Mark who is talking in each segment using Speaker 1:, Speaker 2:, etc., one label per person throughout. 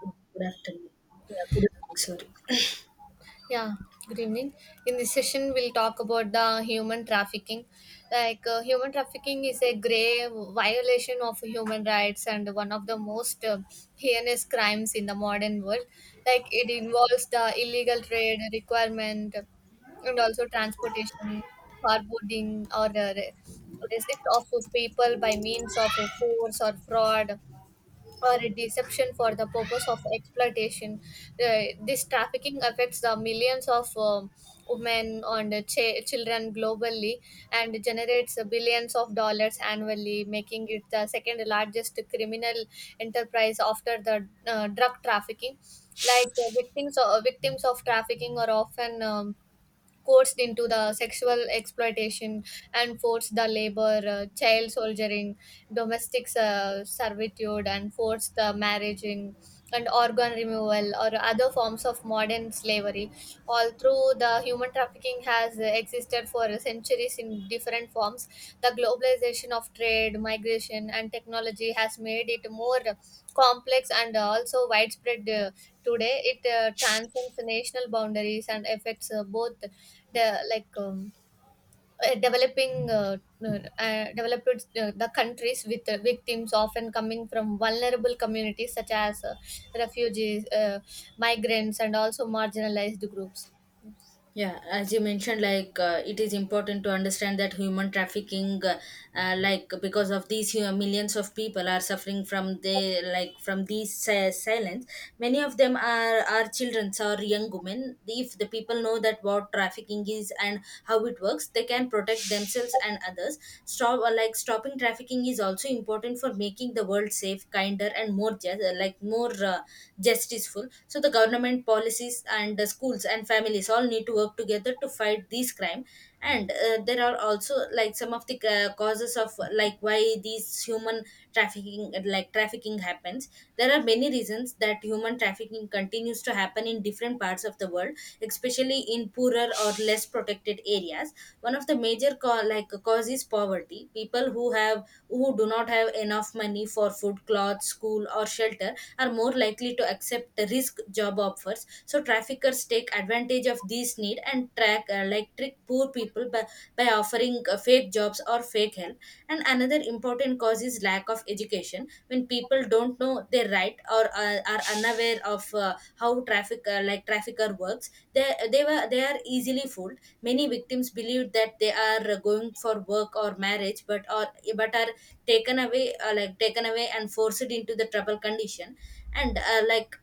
Speaker 1: Good afternoon. Yeah, good evening, sorry.
Speaker 2: Yeah, good evening. In this session, we'll talk about the human trafficking. Human trafficking is a grave violation of human rights and one of the most heinous crimes in the modern world. Like, it involves the illegal trade, requirement, and also transportation, forwarding, or receipt of people by means of force or fraud or a deception for the purpose of exploitation. This trafficking affects the millions of women and children globally and generates billions of dollars annually, making it the second largest criminal enterprise after the drug trafficking. Victims of trafficking are often coerced into the sexual exploitation and forced the labor, child soldiering, domestic servitude, and forced the marriage and organ removal or other forms of modern slavery all through. The human trafficking has existed for centuries in different forms. The globalization of trade, migration, and technology has made it more complex and also widespread. Today it transcends national boundaries and affects both the like developing developed the countries, with victims often coming from vulnerable communities such as refugees, migrants, and also marginalized groups.
Speaker 1: Yeah, as you mentioned, it is important to understand that human trafficking, because of these millions of people are suffering from the, from these silence. Many of them are children or young women. If the people know that what trafficking is and how it works, they can protect themselves and others. Stop or like stopping trafficking is also important for making the world safe, kinder, and more justiceful, so the government policies and the schools and families all need to work together to fight these crime. And there are also like some of the causes of like why these human trafficking happens. There are many reasons that human trafficking continues to happen in different parts of the world, especially in poorer or less protected areas. One of the major cause is poverty. People who have who do not have enough money for food, clothes, school, or shelter are more likely to accept risk job offers, so traffickers take advantage of this need and track like trick poor people by offering fake jobs or fake help. And another important cause is lack of education. When people don't know their right or are unaware of how trafficker works, they are easily fooled. Many victims believe that they are going for work or marriage but or but are taken away and forced into the trouble condition. And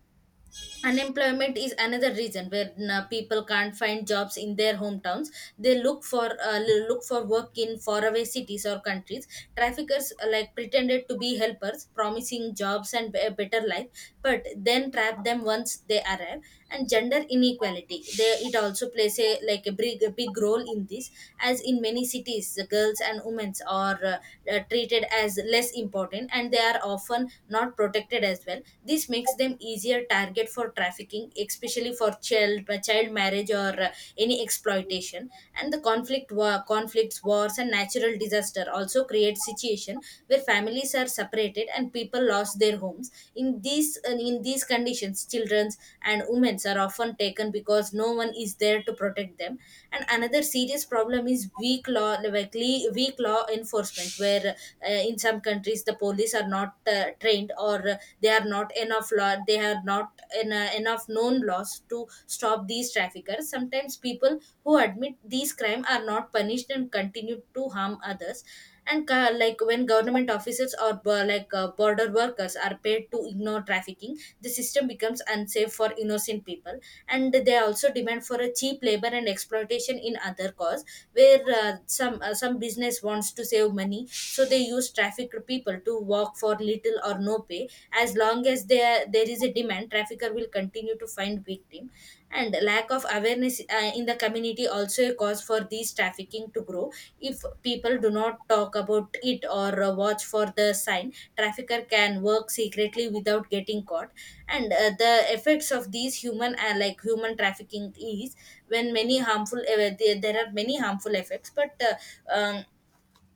Speaker 1: unemployment is another reason where people can't find jobs in their hometowns. They look for work in faraway cities or countries. Traffickers like pretended to be helpers, promising jobs and a better life, but then trap them once they arrive. And gender inequality, it also plays a a big role in this, as in many cities the girls and women are treated as less important and they are often not protected as well. This makes them easier target for trafficking, especially for child marriage or any exploitation. And the conflicts, wars, and natural disaster also create situation where families are separated and people lost their homes. In these conditions, childrens and women are often taken because no one is there to protect them. And another serious problem is weak law enforcement, where in some countries the police are not trained, or they are not enough law, they are not enough known laws to stop these traffickers. Sometimes people who admit these crime are not punished and continue to harm others. And when government officers or border workers are paid to ignore trafficking, the system becomes unsafe for innocent people. And they also demand for a cheap labor and exploitation in other cause, where some business wants to save money, so they use trafficked people to work for little or no pay. As long as there is a demand, trafficker will continue to find victim. And lack of awareness in the community also a cause for these trafficking to grow. If people do not talk about it or watch for the sign, trafficker can work secretly without getting caught. And the effects of these human trafficking is when many harmful there, there are many harmful effects, but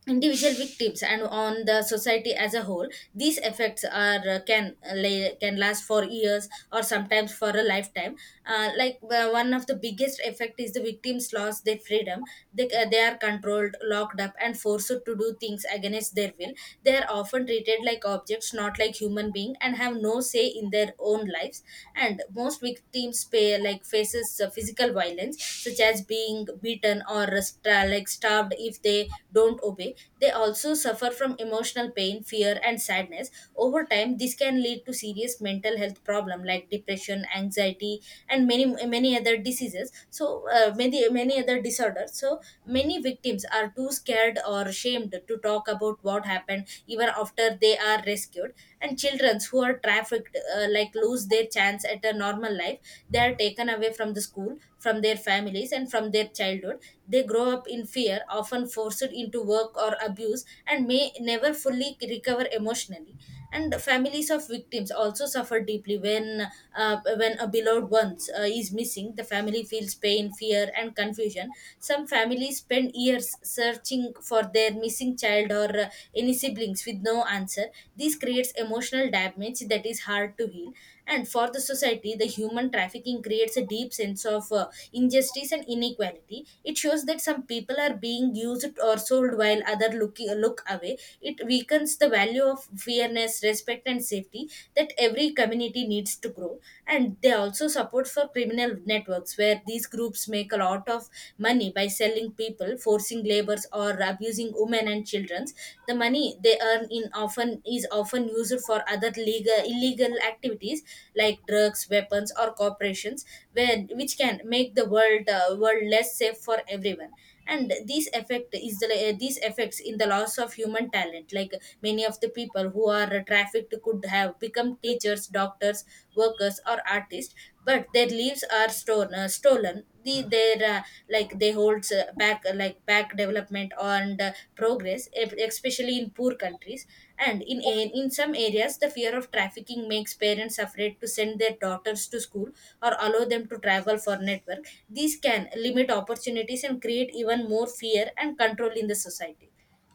Speaker 1: individual victims and on the society as a whole, these effects are can last for years or sometimes for a lifetime. One of the biggest effect is the victims lost their freedom. They are controlled, locked up, and forced to do things against their will. They are often treated like objects, not like human being, and have no say in their own lives. And most victims pay like faces physical violence, such as being beaten or starved if they don't obey. They also suffer from emotional pain, fear, and sadness. Over time this can lead to serious mental health problem like depression, anxiety, and many other diseases, so many other disorders. So many victims are too scared or shamed to talk about what happened, even after they are rescued. And children who are trafficked lose their chance at a normal life. They are taken away from the school, from their families, and from their childhood. They grow up in fear, often forced into work or abuse, and may never fully recover emotionally. And families of victims also suffer deeply when a beloved one is missing. The family feels pain, fear, and confusion. Some families spend years searching for their missing child or any siblings, feelings with no answer. This creates emotional damage that is hard to heal. And for the society, the human trafficking creates a deep sense of injustice and inequality. It shows that some people are being used or sold while others look away. It weakens the value of fairness, respect, and safety that every community needs to grow. And they also support for criminal networks, where these groups make a lot of money by selling people, forcing labors, or abusing women and children. The money they earn in often is often used for other legal illegal activities like drugs, weapons, or corporations, where which can make the world less safe for everyone. And these effect is these effects in the loss of human talent. Like many of the people who are trafficked could have become teachers, doctors, workers, or artists, but their lives are stolen, stolen they holds back development and progress, especially in poor countries. And in some areas, the fear of trafficking makes parents afraid to send their daughters to school or allow them to travel for network. These can limit opportunities and create even more fear and control in the society.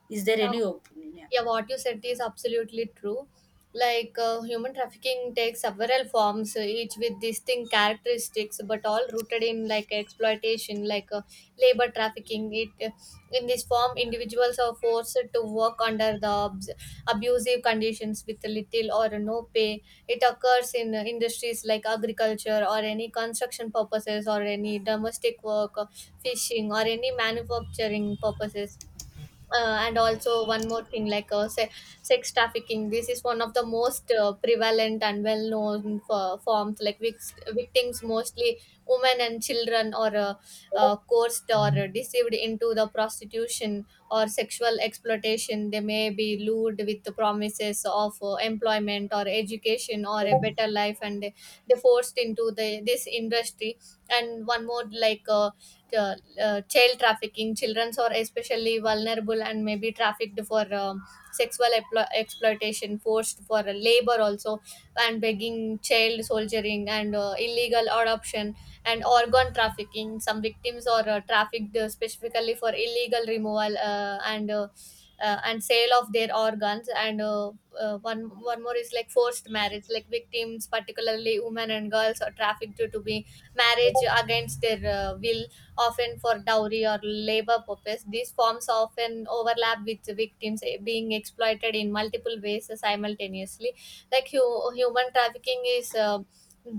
Speaker 1: Is there any opinion? Yeah.
Speaker 2: Yeah, what you said is absolutely true. Human trafficking takes several forms, each with distinct characteristics, but all rooted in like exploitation. Labor trafficking. It in this form, individuals are forced to work under the abusive conditions with little or no pay. It occurs in industries like agriculture or any construction purposes or any domestic work, fishing, or any manufacturing purposes. And also one more thing, sex trafficking. This is one of the most prevalent and well known for forms. Victims, mostly women and children, are coerced or deceived into the prostitution or sexual exploitation. They may be lured with the promises of employment or education or a better life, and they forced into the this industry. And one more like Child trafficking. Children are especially vulnerable and maybe trafficked for sexual exploitation, forced for labor also and begging, child soldiering, and illegal adoption. And organ trafficking. Some victims are trafficked specifically for illegal removal and sale of their organs. And one more is like forced marriage. Like victims, particularly women and girls, are trafficked to be marriage against their will, often for dowry or labor purpose. These forms often overlap with the victims being exploited in multiple ways simultaneously. Human trafficking is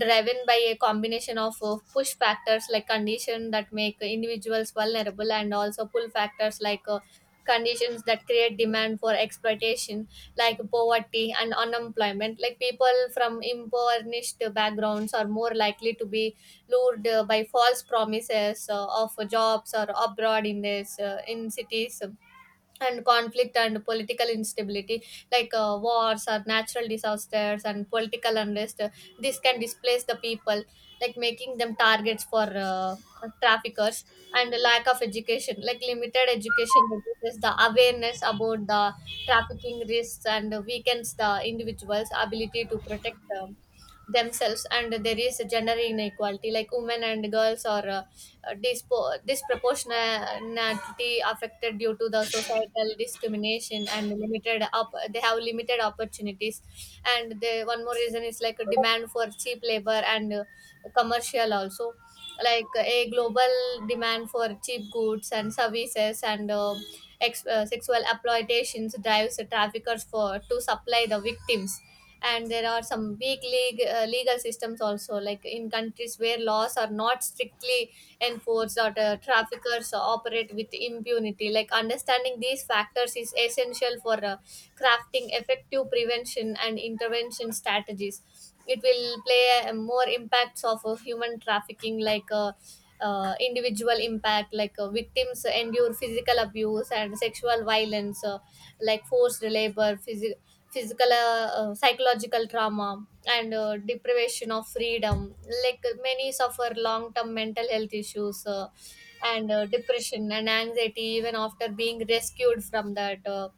Speaker 2: driven by a combination of push factors, like conditions that make individuals vulnerable, and also pull factors, conditions that create demand for exploitation. Like poverty and unemployment. Like people from impoverished backgrounds are more likely to be lured by false promises of jobs or abroad in this in cities. And conflict and political instability. Wars or natural disasters and political unrest, this can displace the people, like making them targets for traffickers. And the lack of education. Like limited education reduces the awareness about the trafficking risks and weakens the individual's ability to protect themselves. And there is gender inequality. Like women and girls are disproportionality affected due to the societal discrimination and limited up they have limited opportunities. And the one more reason is like a demand for cheap labor and commercial also. A global demand for cheap goods and services, and sexual exploitations drives the traffickers for to supply the victims. And there are some legal systems also, like in countries where laws are not strictly enforce that traffickers operate with impunity. Like understanding these factors is essential for crafting effective prevention and intervention strategies. It will play more impacts of human trafficking, individual impact. Victims endure physical abuse and sexual violence, like forced labor, physical, psychological trauma and deprivation of freedom. Like many suffer long term mental health issues and depression and anxiety even after being rescued from that.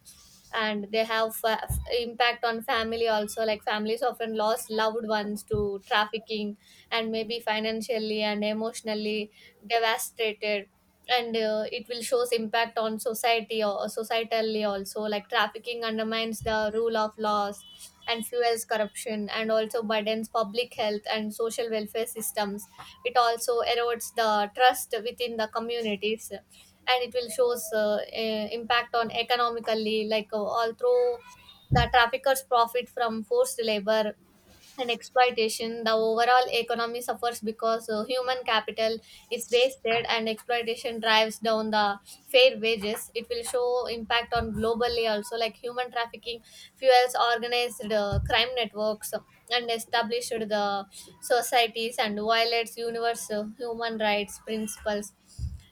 Speaker 2: And they have impact on family also. Like families often lost loved ones to trafficking and maybe financially and emotionally devastated. And it will shows impact on society or societally also, like trafficking undermines the rule of laws and fuels corruption and also burdens public health and social welfare systems. It also erodes the trust within the communities. And it will shows impact on economically. All through the traffickers profit from forced labor and exploitation. The overall economy suffers because human capital is wasted and exploitation drives down the fair wages. It will show impact on globally also. Like human trafficking fuels organized crime networks and established the societies and violates universal human rights principles.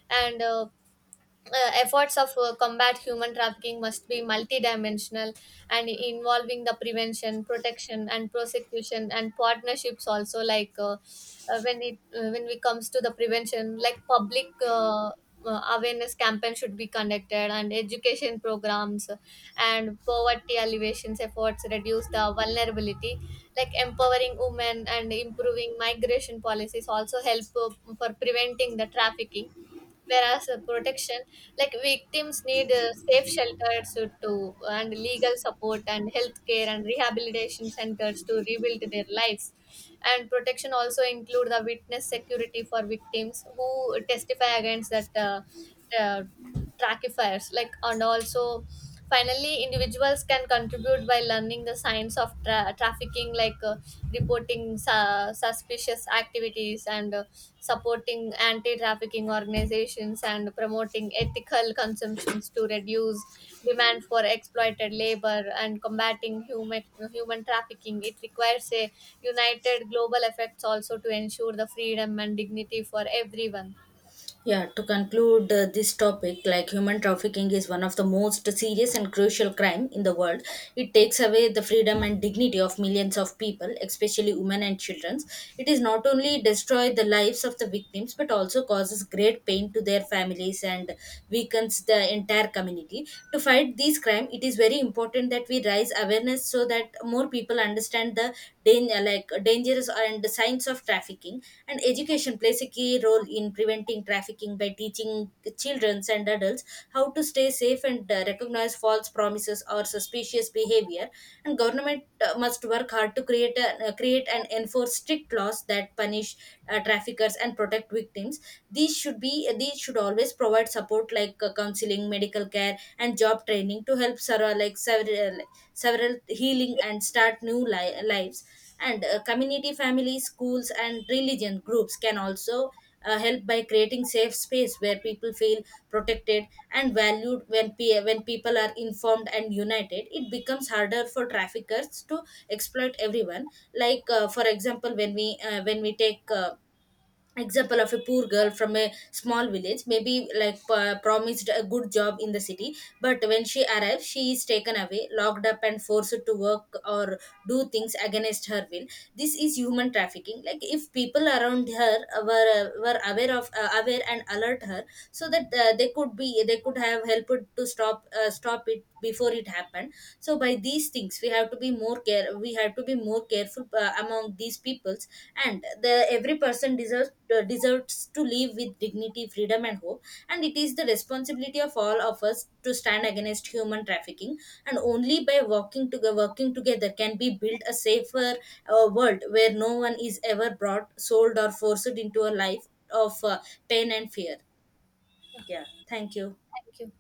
Speaker 2: And Efforts of combat human trafficking must be multidimensional and involving the prevention, protection, and prosecution and partnerships also. When we comes to the prevention, like public awareness campaign should be conducted, and education programs and poverty alleviations efforts reduce the vulnerability, like empowering women and improving migration policies also help for preventing the trafficking. Whereas protection, like victims need safe shelters and legal support and healthcare and rehabilitation centers to rebuild their lives. And protection also include the witness security for victims who testify against that uh, trackifiers, like. And also finally, individuals can contribute by learning the science of trafficking, like reporting suspicious activities and supporting anti-trafficking organizations and promoting ethical consumptions to reduce demand for exploited labor. And combating human trafficking, it requires a united global efforts also to ensure the freedom and dignity for everyone.
Speaker 1: Yeah, to conclude this topic, like human trafficking is one of the most serious and crucial crime in the world. It takes away the freedom and dignity of millions of people, especially women and children. It is not only destroy the lives of the victims, but also causes great pain to their families and weakens the entire community to fight these crime. It is very important that we raise awareness, so that more people understand the dangers and the signs of trafficking. And education plays a key role in preventing trafficking by teaching children and adults how to stay safe and recognize false promises or suspicious behavior. And government must work hard to create and enforce strict laws that punish traffickers and protect victims. These should always provide support, like counseling, medical care, and job training to help several like several several healing and start new lives. And community, families, schools, and religion groups can also help by creating safe space where people feel protected and valued. When when people are informed and united, it becomes harder for traffickers to exploit everyone. For example, when we take example of a poor girl from a small village, maybe promised a good job in the city, but when she arrives, she is taken away, locked up, and forced to work or do things against her will. This is human trafficking. Like if people around her were aware of aware and alert her, so that they could have helped to stop it before it happened. So by these things, we have to be more care we have to be more careful among these people. And the every person deserves deserves to live with dignity, freedom, and hope. And it is the responsibility of all of us to stand against human trafficking, and only by working together can we build a safer world where no one is ever brought, sold, or forced into a life of pain and fear. Yeah, thank you.
Speaker 2: Thank you.